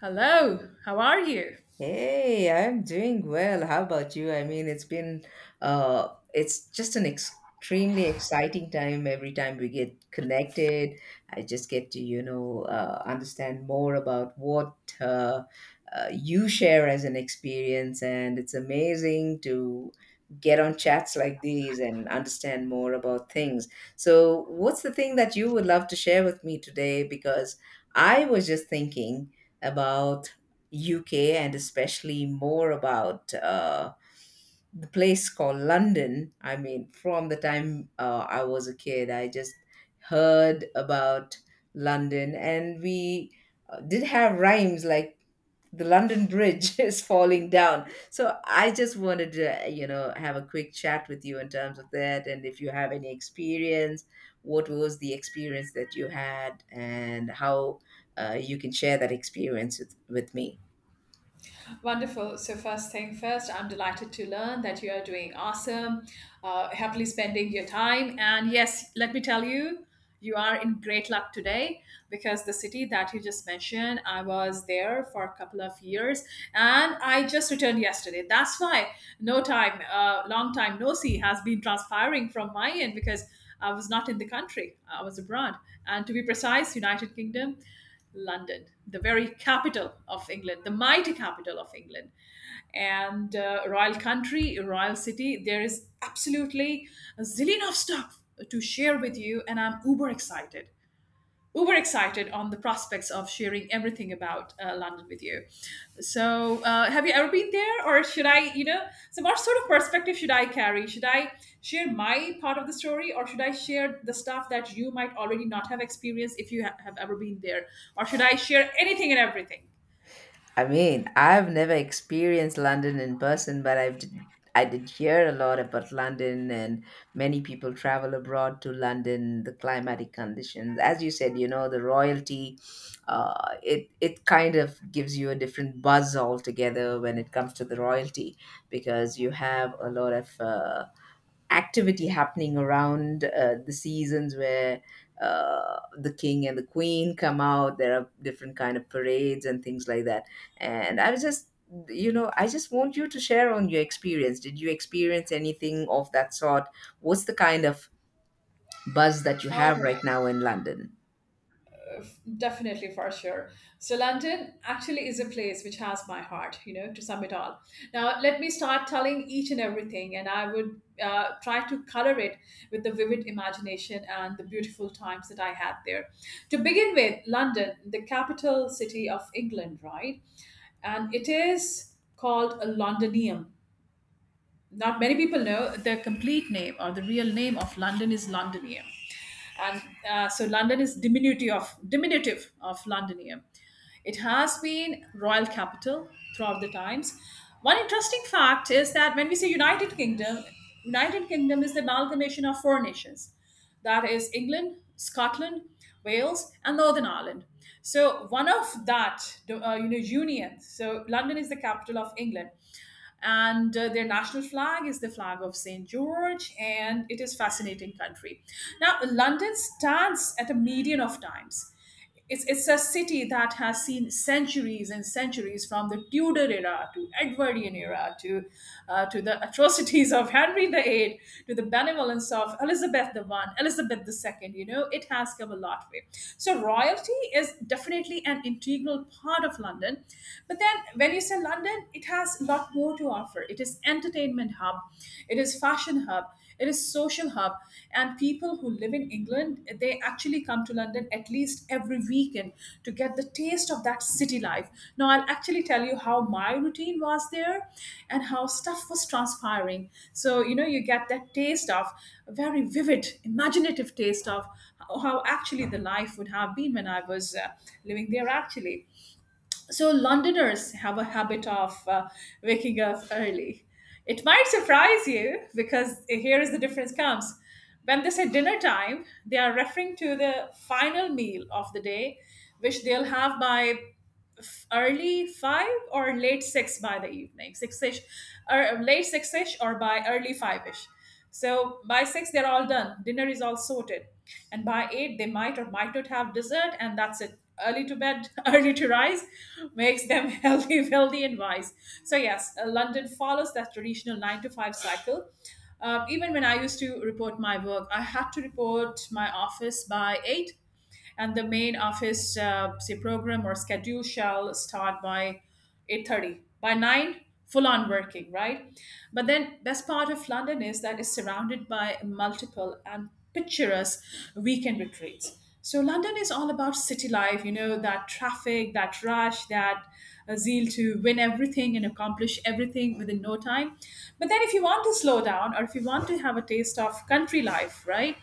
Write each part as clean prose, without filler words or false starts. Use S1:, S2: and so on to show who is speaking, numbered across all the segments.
S1: Hello, how are you?
S2: Hey, I'm doing well. How about you? I mean, uh it's just an extremely exciting time every time we get connected. I just get to understand more about what uh, you share as an experience, and it's amazing to get on chats like these and understand more about things. So, what's the thing that you would love to share with me today? Because I was just thinking about UK and especially more about the place called London. I mean, from the time I was a kid, I just heard about London, and we did have rhymes like the London Bridge is falling down. So I just wanted to have a quick chat with you in terms of that, and if you have any experience, what was the experience that you had, and how you can share that experience with me.
S1: Wonderful. So, first thing first, I'm delighted to learn that you are doing awesome, happily spending your time. And yes, let me tell you, you are in great luck today because the city that you just mentioned, I was there for a couple of years and I just returned yesterday. That's why no time, long time no see has been transpiring from my end because I was not in the country, I was abroad. And to be precise, United Kingdom. London, the very capital of England, the mighty capital of England. And royal country, royal city, there is absolutely a zillion of stuff to share with you, and I'm uber excited on the prospects of sharing everything about London with you. So, have you ever been there, or should I, you know, so what sort of perspective should I carry? Should I share my part of the story, or should I share the stuff that you might already not have experienced if you have ever been there, or should I share anything and everything?
S2: I mean, I've never experienced London in person, but I did hear a lot about London, and many people travel abroad to London. The climatic conditions, as you said, you know, the royalty, it kind of gives you a different buzz altogether when it comes to the royalty, because you have a lot of activity happening around the seasons where the king and the queen come out. There are different kind of parades and things like that, and I just want you to share on your experience. Did you experience anything of that sort? What's the kind of buzz that you
S1: All
S2: have right
S1: right,
S2: now in London?
S1: definitely for sure. So London actually is a place which has my heart, you know, to sum it all. Now let me start telling each and everything, and I would try to color it with the vivid imagination and the beautiful times that I had there. To begin with, London, the capital city of England, right? And it is called a Londinium. Not many people know the complete name or the real name of London is Londinium, and so London is diminutive of Londinium. It has been royal capital throughout the times. One interesting fact is that when we say United Kingdom, United Kingdom is the amalgamation of four nations, that is England, Scotland, Wales, and Northern Ireland. So one of that, you know, union. So London is the capital of England and their national flag is the flag of St George, and it is fascinating country. Now London stands at a median of times. It's a city that has seen centuries and centuries from the Tudor era to Edwardian era to the atrocities of Henry VIII, to the benevolence of Elizabeth the One, Elizabeth II. You know, it has come a lot way. So royalty is definitely an integral part of London, but then when you say London, it has a lot more to offer. It is entertainment hub, it is fashion hub, it is social hub, and people who live in England, they actually come to London at least every weekend to get the taste of that city life. Now I'll actually tell you how my routine was there, and how stuff was transpiring. So you know you get that taste of a very vivid, imaginative taste of how actually the life would have been when I was living there actually. So, Londoners have a habit of waking up early. It might surprise you because here is the difference comes. When they say dinner time, they are referring to the final meal of the day, which they'll have by early five or late six, by the evening, six ish, or late six ish, or by early five ish. So by six they're all done. Dinner is all sorted, and by eight they might or might not have dessert, and that's it. Early to bed, early to rise, makes them healthy, wealthy, and wise. So yes, London follows that traditional nine to five cycle. Even when I used to report my work, I had to report my office by eight, and the main office say program or schedule shall start by 8:30, by 9 full on working, right? But then best part of London is that it's surrounded by multiple and picturesque weekend retreats. So London is all about city life, you know, that traffic, that rush, that zeal to win everything and accomplish everything within no time. But then if you want to slow down, or if you want to have a taste of country life, right,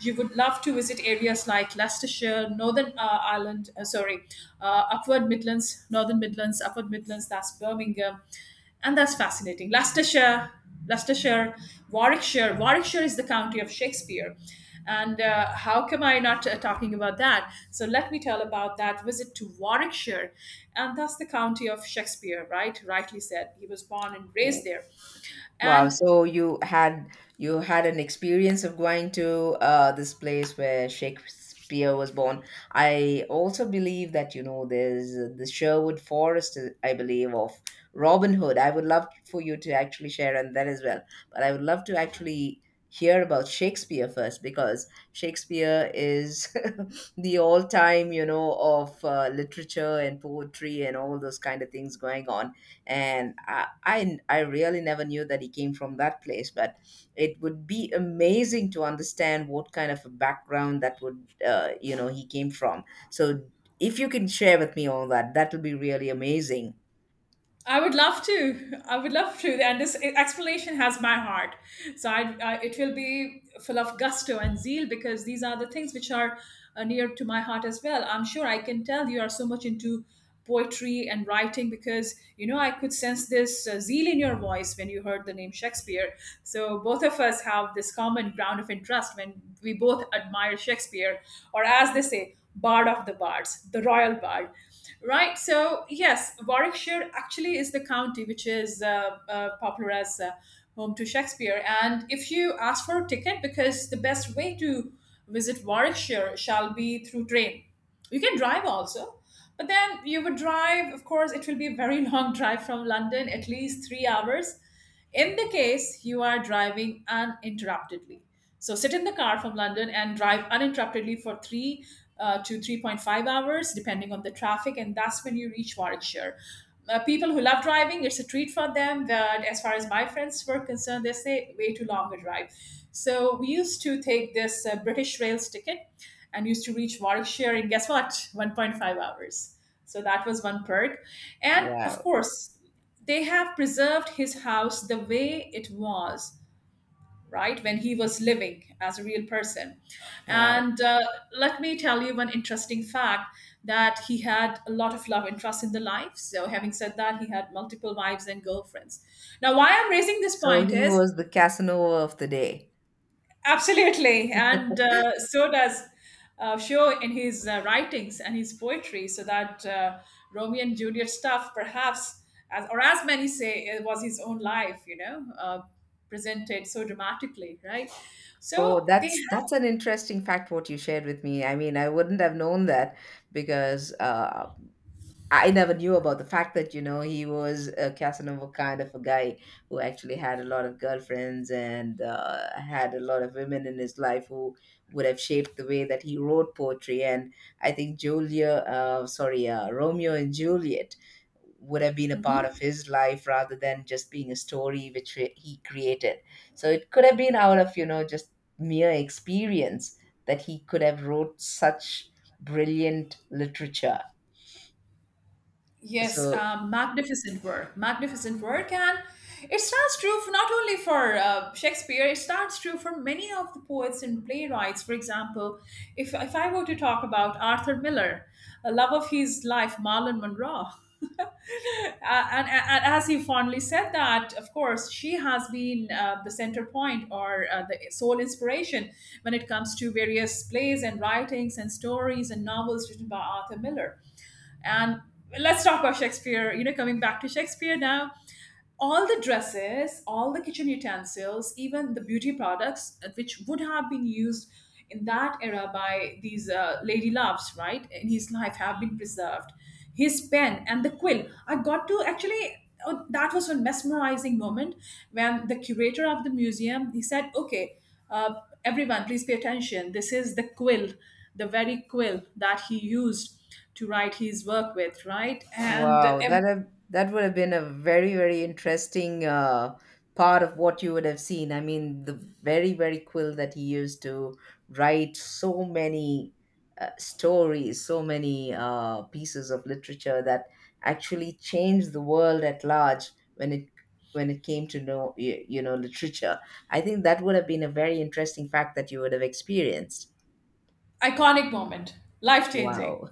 S1: you would love to visit areas like Leicestershire, Northern Ireland, sorry, Upward Midlands, Northern Midlands, Upward Midlands, that's Birmingham. And that's fascinating. Leicestershire, Warwickshire. Warwickshire is the county of Shakespeare. And how come I not talking about that? So let me tell about that visit to Warwickshire. And that's the county of Shakespeare, right? Rightly said. He was born and raised there.
S2: Wow,
S1: And
S2: so you had an experience of going to this place where Shakespeare was born. I also believe that you know there's the Sherwood Forest, I believe, of Robin Hood. I would love for you to actually share on that as well, but I would love to actually hear about Shakespeare first because Shakespeare is the all-time, you know, of literature and poetry and all those kind of things going on, and I really never knew that he came from that place. But it would be amazing to understand what kind of a background that would, he came from. So if you can share with me all that, that would be really amazing.
S1: I would love to. I would love to. And this explanation has my heart. So I, it will be full of gusto and zeal because these are the things which are near to my heart as well. I'm sure I can tell you are so much into poetry and writing because, you know, I could sense this zeal in your voice when you heard the name Shakespeare. So both of us have this common ground of interest when we both admire Shakespeare, or as they say, Bard of the Bards, the Royal Bard. Right. So yes, Warwickshire actually is the county which is popular as home to Shakespeare. And if you ask for a ticket, because the best way to visit Warwickshire shall be through train. You can drive also, but then you would drive. Of course, it will be a very long drive from London, at least 3 hours. In the case you are driving uninterruptedly, so sit in the car from London and drive uninterruptedly for three to 3.5 hours, depending on the traffic, and that's when you reach Warwickshire. People who love driving, it's a treat for them. But as far as my friends were concerned, they say way too long a drive. So we used to take this British Rails ticket and used to reach Warwickshire in, guess what? 1.5 hours. So that was one perk. And of
S2: Wow,
S1: course, they have preserved his house the way it was, right, when he was living as a real person.
S2: wow.
S1: And let me tell you one interesting fact, that he had a lot of love interest in the life, so having said that, he had multiple wives and girlfriends. Now why I'm raising this
S2: So
S1: point
S2: he
S1: is.
S2: was the Casanova of the day.
S1: Absolutely, and so does Shaw in his writings and his poetry. So that Romeo and Juliet stuff, perhaps, as, or as many say, it was his own life. You know, presented so dramatically, right?
S2: Oh,
S1: So they.
S2: that's an interesting fact what you shared with me. I mean, I wouldn't have known that because I never knew about the fact that, you know, he was a Casanova kind of a guy who actually had a lot of girlfriends and had a lot of women in his life who would have shaped the way that he wrote poetry. And I think Julia, sorry, Romeo and Juliet would have been a part of his life rather than just being a story which he created. So it could have been out of, you know, just mere experience that he could have wrote such brilliant literature
S1: Yes,
S2: so.
S1: magnificent work, and it stands true for not only for Shakespeare. It stands true for many of the poets and playwrights. For example, if I were to talk about Arthur Miller, a love of his life, Marlon Monroe. Uh, and as he fondly said that, of course, she has been the center point or the sole inspiration when it comes to various plays and writings and stories and novels written by Arthur Miller. And let's talk about Shakespeare. You know, coming back to Shakespeare now, all the dresses, all the kitchen utensils, even the beauty products which would have been used in that era by these lady loves, right, in his life have been preserved. His pen and the quill. I got to actually. Oh, that was one mesmerizing moment when the curator of the museum he said, "Okay, uh, everyone, please pay attention. This is the quill, the very quill that he used to write his work with, right? And
S2: Wow, that would have been a very, very interesting part of what you would have seen. I mean, the very, very quill that he used to write so many stories, so many pieces of literature that actually changed the world at large when it when it came to know you know literature. I think that would have been a very interesting fact that you would have experienced.
S1: iconic moment, life changing.
S2: Wow,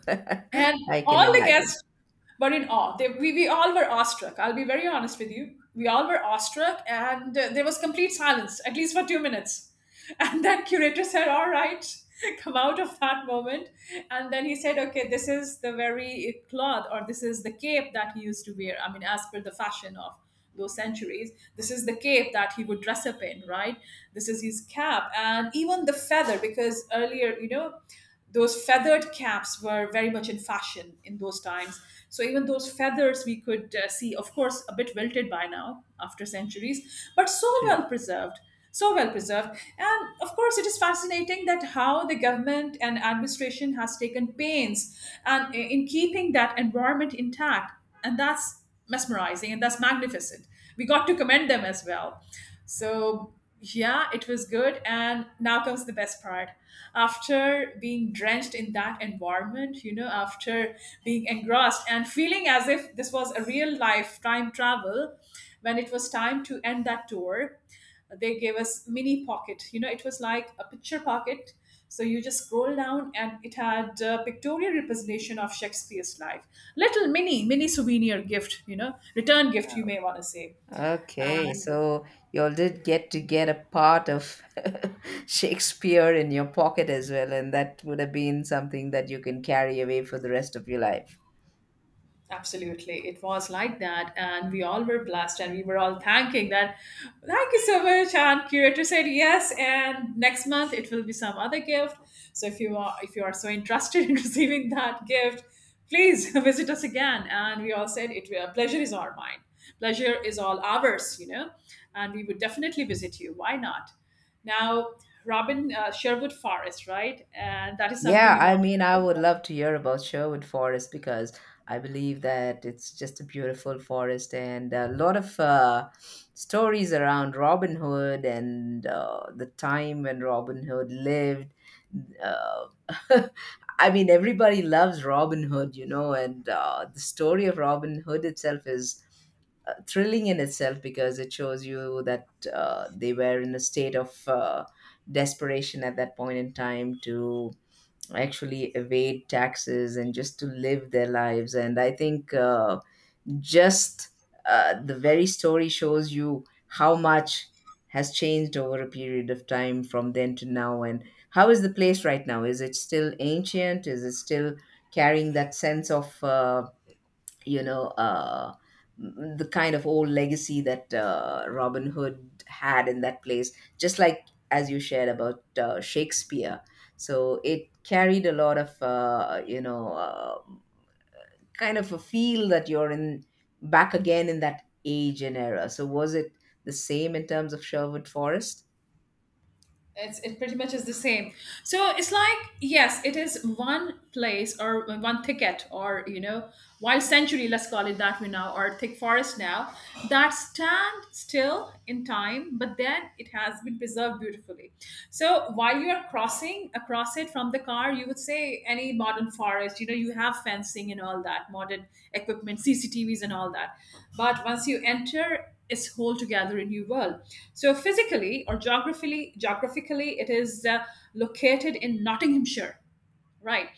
S1: And
S2: I can
S1: all the
S2: imagine.
S1: guests were in awe. We all were awestruck. I'll be very honest with you. We all were awestruck, and there was complete silence, at least for 2 minutes. And then curator said, "All right, come out of that moment." And then he said, "Okay, this is the very cloth, or this is the cape that he used to wear, I mean, as per the fashion of those centuries. This is the cape that he would dress up in, right? This is his cap, and even the feather, because earlier, you know, those feathered caps were very much in fashion in those times." So even those feathers we could see, of course, a bit wilted by now after centuries, but so well preserved and of course it is fascinating that how the government and administration has taken pains and in keeping that environment intact. And that's mesmerizing, and that's magnificent. We got to commend them as well. So yeah, it was good, and now comes the best part. After being drenched in that environment, after being engrossed and feeling as if this was a real life time travel, when it was time to end that tour, they gave us mini pocket, it was like a picture pocket. So you just scroll down, and it had a pictorial representation of Shakespeare's life. Little mini souvenir gift, return gift, you may want to say.
S2: Okay,
S1: And
S2: so you all did get to get a part of Shakespeare in your pocket as well, and that would have been something that you can carry away for the rest of your life.
S1: absolutely. It was like that. And we all were blessed, and we were all thanking that, thank you so much. And curator said yes. And next month it will be some other gift. So if you are so interested in receiving that gift, please visit us again. And we all said it will pleasure is our mine. Pleasure is all ours, you know. And we would definitely visit you. Why not? Now, Robin Sherwood Forest, right? And that is something
S2: Yeah,
S1: you
S2: I
S1: wanted
S2: mean, I
S1: to do.
S2: would love to hear about Sherwood Forest because I believe that it's just a beautiful forest and a lot of stories around Robin Hood and the time when Robin Hood lived. Uh, I mean, everybody loves Robin Hood, you know, and the story of Robin Hood itself is thrilling in itself because it shows you that they were in a state of desperation at that point in time to actually evade taxes and just to live their lives. And I think just the very story shows you how much has changed over a period of time from then to now. And how is the place right now? Is it still ancient? Is it still carrying that sense of you know uh, the kind of old legacy that Robin Hood had in that place, just like as you shared about Shakespeare. So it carried a lot of kind of a feel that you're in back again in that age and era. So was it the same in terms of Sherwood Forest?
S1: It's it pretty much is the same. So it's like, yes, it is one place or one thicket, or wild century, let's call it that way now, or thick forest now, that stand still in time. But then it has been preserved beautifully. So while you are crossing across it from the car, you would say any modern forest, you know, you have fencing and all that modern equipment, CCTVs and all that. But once you enter, its whole together a new world. So physically or geographically, geographically, it is located in Nottinghamshire, right?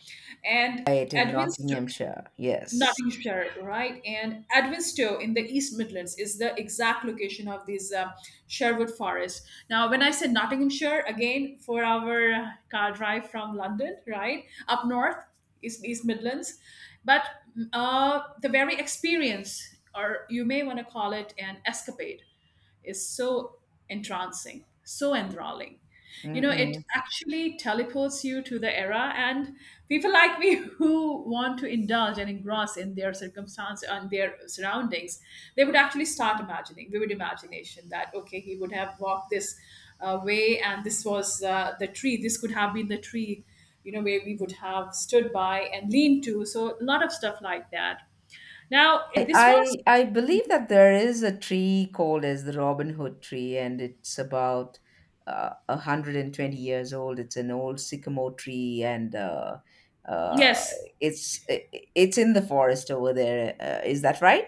S1: And
S2: Right in
S1: Edwinstowe,
S2: Nottinghamshire. Yes.
S1: Nottinghamshire, right? And Edwinstowe in the East Midlands is the exact location of these Sherwood Forest. Now, when I said Nottinghamshire, again, 4-hour car drive from London, right? Up north, East, East Midlands. But the very experience, or you may want to call it an escapade, is so entrancing, so enthralling. You know, it
S2: Mm-mm.
S1: actually teleports you to the era, and people like me who want to indulge and engross in their circumstance and their surroundings, they would actually start imagining, vivid imagination, that okay, he would have walked this way, and this was the tree. This could have been the tree, you know, where we would have stood by and leaned to. So a lot of stuff like that. Now,
S2: I,
S1: this was
S2: I believe that there is a tree called as the Robin Hood tree, and it's about 120 years old. It's an old sycamore tree, and uh,
S1: yes.
S2: it's it's in the forest over there. Is that right?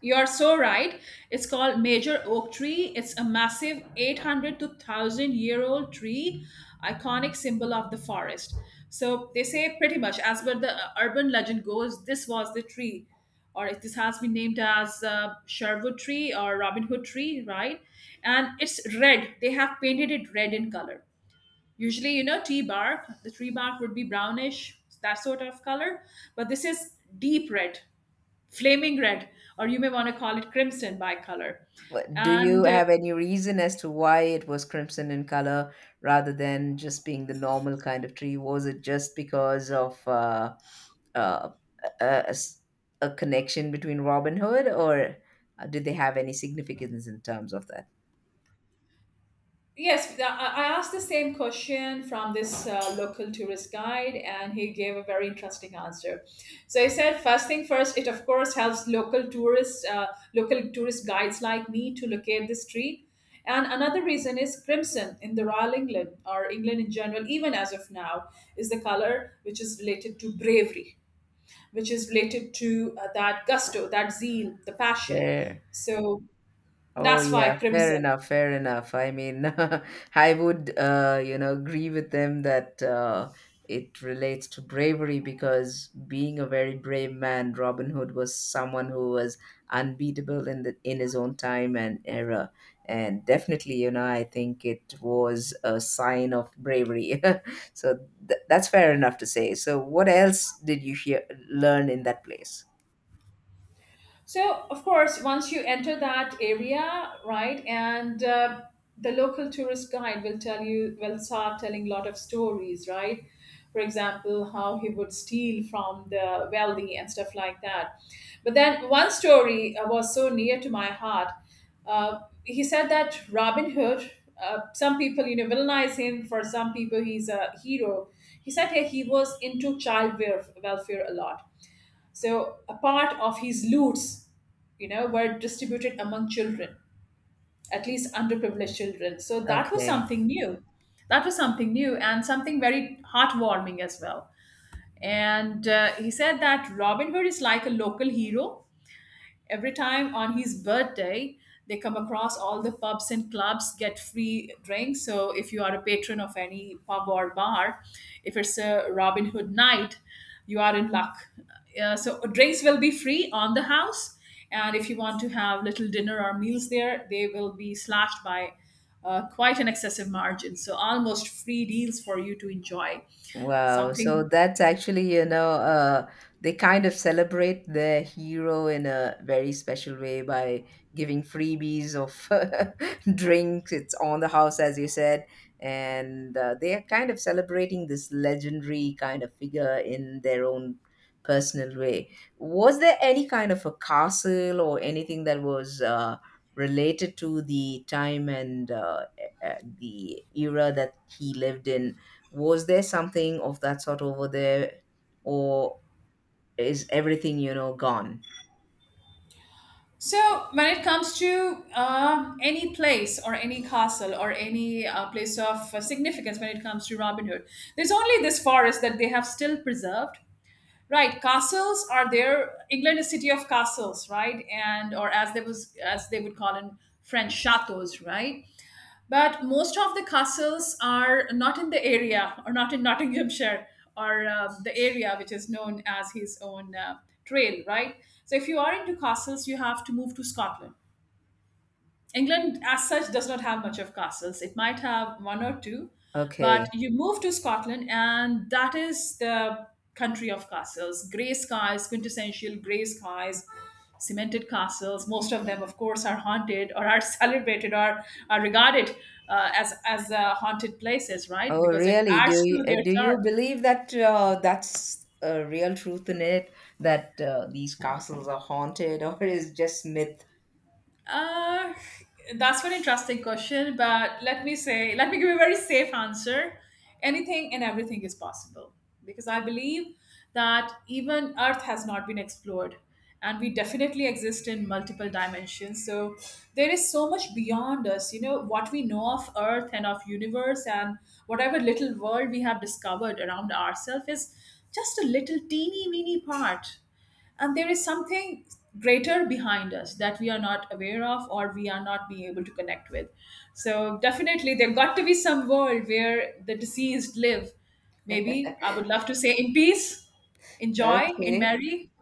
S1: You are so right. It's called Major Oak Tree. It's a massive 800 to 1000 year old tree, iconic symbol of the forest. So they say pretty much, as per the urban legend goes, this was the tree, or this has been named as Sherwood Tree or Robin Hood Tree, right? And it's red. They have painted it red in color. Usually, you know, tree bark, the tree bark would be brownish, that sort of color, but this is deep red, flaming red, or you may want to call it crimson by color.
S2: What- Do you
S1: And
S2: have any reason as to why it was crimson in color rather than just being the normal kind of tree? Was it just because of uh, a, a- a s- a connection between Robin Hood, or did they have any significance in terms of that?
S1: yes, I asked the same question from this local tourist guide, and he gave a very interesting answer. So he said, first thing first, it of course helps local tourists, local tourist guides like me to locate this tree. And another reason is crimson in the Royal England or England in general, even as of now, is the color which is related to bravery, which is related to that gusto, that zeal, the passion.
S2: Fair.
S1: So
S2: Oh
S1: that's why
S2: yeah, fair
S1: crimson.
S2: enough, fair enough. I mean, I would, agree with them that it relates to bravery because being a very brave man, Robin Hood was someone who was unbeatable in the in his own time and era, and definitely, you know, I think it was a sign of bravery. So th that's fair enough to say. So what else did you hear learn in that place?
S1: So, of course, once you enter that area, right, and the local tourist guide will tell you, will start telling a lot of stories, right? For example, how he would steal from the wealthy and stuff like that. But then one story was so near to my heart. He said that Robin Hood, some people, you know, villainize him. For some people, he's a hero. He said hey, he was into welfare a lot. So a part of his loots, you know, were distributed among children, at least underprivileged children. So that was
S2: Okay.
S1: something new. That was something new and something very heartwarming as well. And he said that Robin Hood is like a local hero. Every time on his birthday, they come across all the pubs and clubs get free drinks. So if you are a patron of any pub or bar, if it's a Robin Hood night, you are in luck. So drinks will be free on the house, and if you want to have little dinner or meals there, they will be slashed by quite an excessive margin. So almost free deals for you to enjoy
S2: Wow.
S1: something.
S2: So that's actually, you know, they kind of celebrate their hero in a very special way by giving freebies of drinks. It's on the house, as you said. And they are kind of celebrating this legendary kind of figure in their own personal way. Was there any kind of a castle or anything that was related to the time and the era that he lived in? Was there something of that sort over there, or is everything, you know, gone?
S1: So, when it comes to any place or any castle or any place of significance when it comes to Robin Hood, there's only this forest that they have still preserved. Right, castles are there. England is city of castles, right? And or as they was as they would call in French, chateaus, right? But most of the castles are not in the area or not in Nottinghamshire or the area which is known as his own trail, right? So if you are into castles, you have to move to Scotland. England, as such, does not have much of castles. It might have 1 or 2, but
S2: Okay.
S1: you move to Scotland, and that is the country of castles. Grey skies, quintessential grey skies, cemented castles. Most of them, of course, are haunted or are celebrated or are regarded as haunted places, right?
S2: Oh,
S1: Because it
S2: really? Do
S1: adds
S2: you
S1: to
S2: uh,
S1: their
S2: do you
S1: charm.
S2: believe that that's a real truth in it, that these castles are haunted, or is just myth?
S1: Uh, that's an interesting question, but let me say, let me give you a very safe answer. Anything and everything is possible because I believe that even Earth has not been explored, and we definitely exist in multiple dimensions. So there is so much beyond us. You know, what we know of Earth and of universe and whatever little world we have discovered around ourselves is just a little teeny weeny part, and there is something greater behind us that we are not aware of or we are not being able to connect with. So definitely there got to be some world where the deceased live, maybe, I would love to say, in peace, in joy, in
S2: Okay.
S1: merry.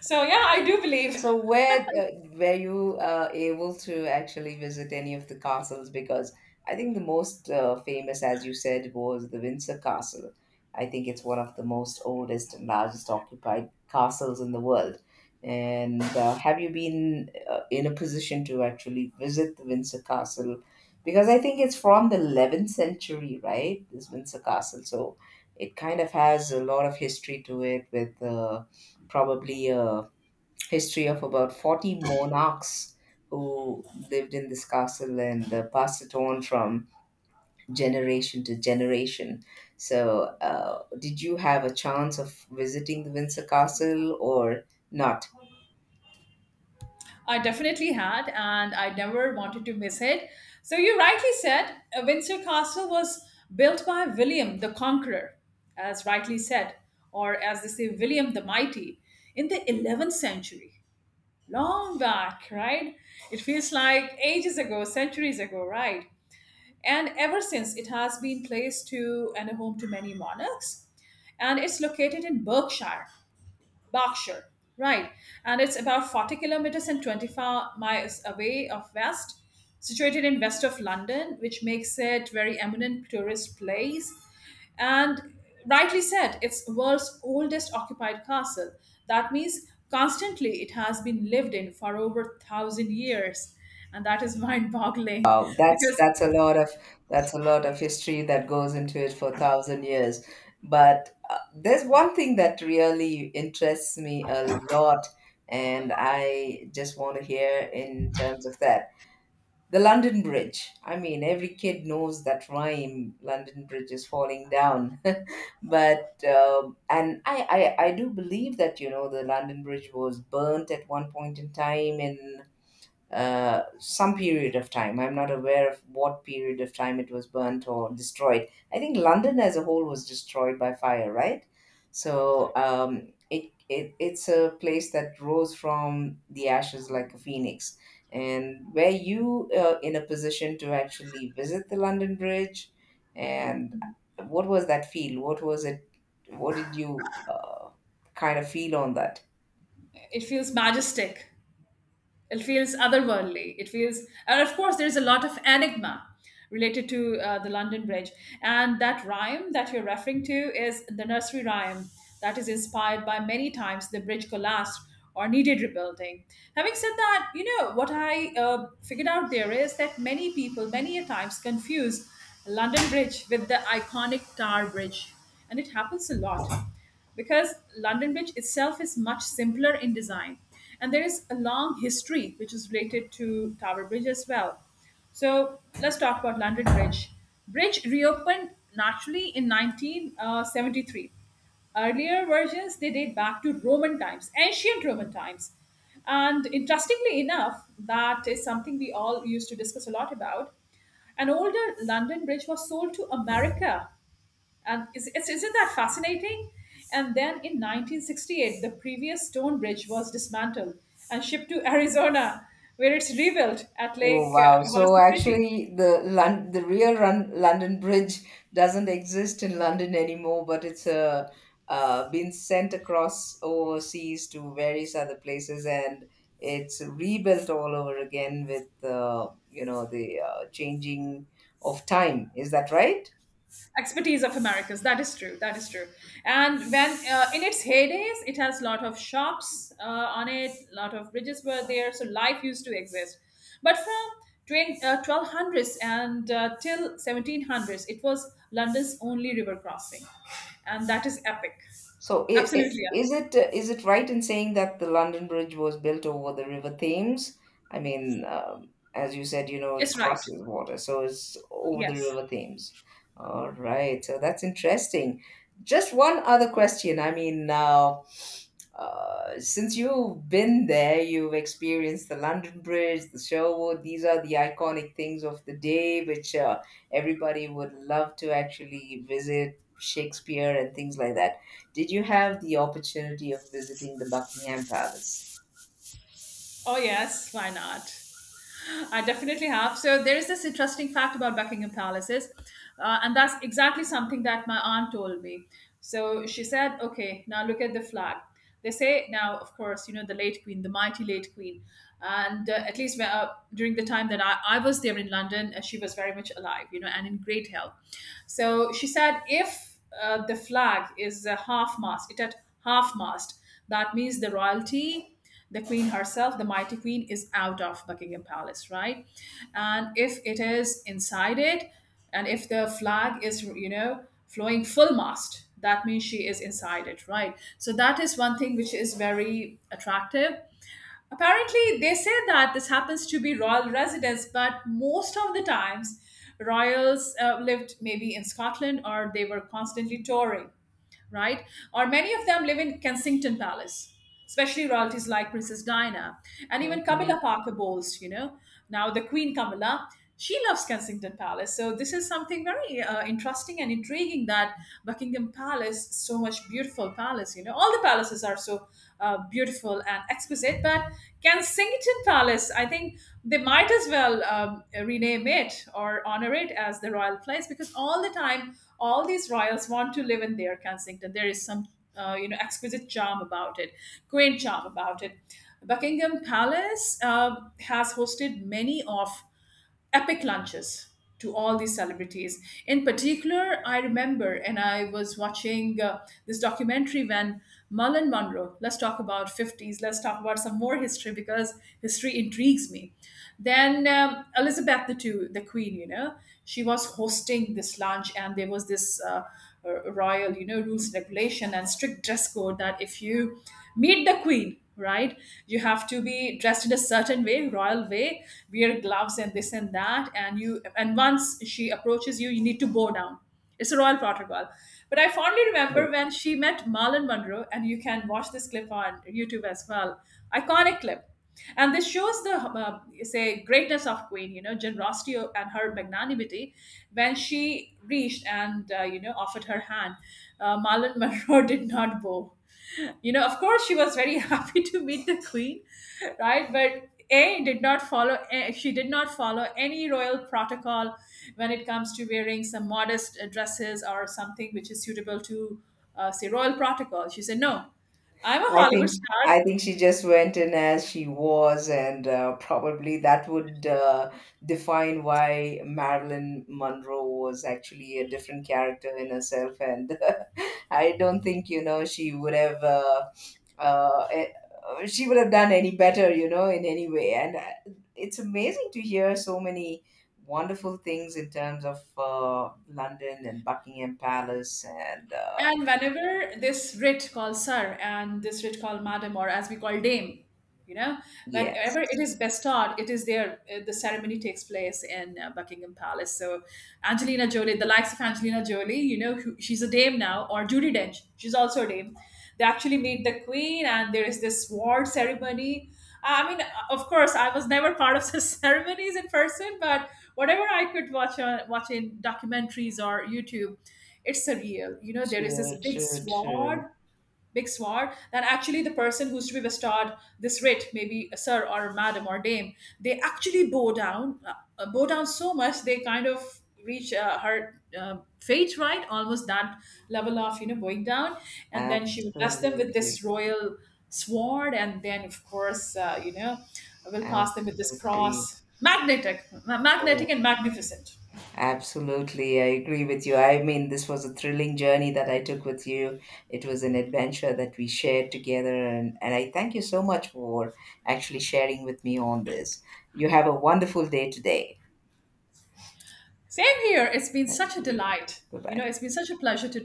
S1: So yeah, I do believe.
S2: So where were you able to actually visit any of the castles? Because I think the most famous, as you said, was the Windsor Castle. I think it's one of the most oldest and largest occupied castles in the world. And have you been in a position to actually visit the Windsor Castle? Because I think it's from the 11th century, right? This Windsor Castle. So it kind of has a lot of history to it with probably. A history of about 40 monarchs who lived in this castle and passed it on from generation to generation. So, did you have a chance of visiting the Windsor Castle or not?
S1: I definitely had, and I never wanted to miss it. So you rightly said Windsor Castle was built by William the Conqueror, as rightly said, or as they say, William the Mighty, in the 11th century. Long back, right? It feels like ages ago, centuries ago, right? And ever since, it has been place to and a home to many monarchs. And it's located in Berkshire, right? And it's about 40 kilometers and 25 miles away of west, situated in west of London, which makes it very eminent tourist place. And rightly said, it's world's oldest occupied castle. That means constantly it has been lived in for over 1,000 years, and that is mind-boggling
S2: Wow, that's
S1: because
S2: that's a lot of that's a lot of history that goes into it for 1,000 years. But there's one thing that really interests me a lot, and I just want to hear in terms of that. The London Bridge. I mean, every kid knows that rhyme, London Bridge is falling down. But, and I do believe that, you know, the London Bridge was burnt at one point in time in some period of time. I'm not aware of what period of time it was burnt or destroyed. I think London as a whole was destroyed by fire, right? So it's a place that rose from the ashes like a phoenix. And were you in a position to actually visit the London Bridge? And what was that feel? What was it? What did you kind of feel on that?
S1: it feels majestic. It feels otherworldly. It feels, and of course, there's a lot of enigma related to the London Bridge. And that rhyme that you're referring to is the nursery rhyme that is inspired by many times the bridge collapsed or needed rebuilding. Having said that, you know, what I figured out there is that many people, many a times, confuse London Bridge with the iconic Tower Bridge, and it happens a lot because London Bridge itself is much simpler in design. And there is a long history which is related to Tower Bridge as well. So let's talk about London Bridge. Bridge reopened naturally in 1973. Earlier versions they date back to Roman times, ancient Roman times. And interestingly enough, that is something we all used to discuss a lot about. An older London bridge was sold to America, and isn't that fascinating? And then in 1968 the previous stone bridge was dismantled and shipped to Arizona, where it's rebuilt at
S2: Oh
S1: Lake
S2: wow! So
S1: Havasu City,
S2: actually, the London Bridge doesn't exist in London anymore, but it's been sent across overseas to various other places, and it's rebuilt all over again with you know the changing of time. Is that right?
S1: expertise of Americas. That is true. That is true. And when in its heydays, it has lot of shops on it. Lot of bridges were there, so life used to exist. But from 1200s and till 1700s, it was London's only river crossing, and that is epic.
S2: So
S1: Absolutely epic.
S2: is it right in saying that the London Bridge was built over the River Thames? I mean, as you said, you know, it
S1: It's right.
S2: crosses water, so it's over the
S1: Yes.
S2: River Thames. All right, so that's interesting. Just one other question. I mean, now, since you've been there, you've experienced the London Bridge, the Sherwood. These are the iconic things of the day, which everybody would love to actually visit Shakespeare and things like that. Did you have the opportunity of visiting the Buckingham Palace?
S1: Oh yes. Why not? I definitely have. So there is this interesting fact about Buckingham Palaces, and that's exactly something that my aunt told me. So she said, "Okay, now look at the flag." They say now, of course, you know the late Queen, the mighty late Queen, and at least during the time that I was there in London, she was very much alive, you know, and in great health. So she said, if the flag is half mast, it at half mast, that means the royalty, the queen herself, the mighty queen, is out of Buckingham Palace, right? And if it is inside it, and if the flag is, you know, flowing full mast, that means she is inside it, right? So that is one thing which is very attractive. Apparently they say that this happens to be royal residence, but most of the times royals lived maybe in Scotland, or they were constantly touring, right? Or many of them live in Kensington Palace, especially royalties like Princess Diana and even
S2: Mhm.
S1: Camilla Parker Bowles, you know. Now, the Queen Camilla, she loves Kensington Palace. So, this is something very interesting and intriguing, that Buckingham Palace, so much beautiful palace, you know. All the palaces are so beautiful and exquisite, but Kensington Palace, I think they might as well rename it or honor it as the royal place, because all the time all these royals want to live in their Kensington. There is some, exquisite charm about it, quaint charm about it. Buckingham Palace has hosted many of epic lunches to all these celebrities. In particular, I remember, and I was watching this documentary when Marlon Monroe, let's talk about 50s, let's talk about some more history, because history intrigues me. Then Elizabeth the Two, the Queen, you know, she was hosting this lunch, and there was this royal, you know, rules, regulation, and strict dress code that if you meet the queen, right, you have to be dressed in a certain way, royal way, wear gloves and this and that, and you, and once she approaches you, you need to bow down. It's a royal protocol. But I fondly
S2: No.
S1: remember when she met Marlon Monroe, and you can watch this clip on YouTube as well. Iconic clip, and this shows the say greatness of queen, you know, generosity and her magnanimity, when she reached and you know, offered her hand. Marlon Monroe did not bow, you know. Of course, she was very happy to meet the queen, right, but a did not follow eh, she did not follow any royal protocol. When it comes to wearing some modest dresses or something which is suitable to say royal protocol, she said no, I'm a
S2: I
S1: Hollywood
S2: think
S1: star.
S2: I think she just went in as she was, and probably that would define why Marilyn Monroe was actually a different character in herself, and I don't think you know she would have. Uh, eh, she would have done any better, you know, in any way. And it's amazing to hear so many wonderful things in terms of London and Buckingham Palace. And
S1: And whenever this writ called sir and this writ called madam, or as we call dame, you know,
S2: yes,
S1: whenever it is bestowed, it is there. The ceremony takes place in Buckingham Palace. So Angelina Jolie, the likes of Angelina Jolie, you know, who, she's a dame now, or Judy Dench, she's also a dame. They actually meet the queen, and there is this award ceremony. I mean, of course, I was never part of the ceremonies in person, but whatever I could watch in documentaries or YouTube, it's surreal. You know, there is this
S2: true,
S1: big
S2: true,
S1: sword,
S2: true.
S1: big sword, that actually the person who's to be bestowed this writ, maybe a sir or a madam or dame, they actually bow down so much they kind of reach her fate, right? Almost that level of, you know, bowing down, and then she would bless them with
S2: Absolutely,
S1: this royal sword, and then of course you know, will pass them with this
S2: absolutely.
S1: cross, magnetic, magnetic
S2: Oh.
S1: and magnificent.
S2: Absolutely, I agree with you. I mean, this was a thrilling journey that I took with you. It was an adventure that we shared together, and I thank you so much for actually sharing with me on this. You have a wonderful day today.
S1: Same here. It's been such
S2: Thank
S1: a
S2: you.
S1: delight.
S2: Bye
S1: You know,
S2: bye.
S1: it's been such a pleasure to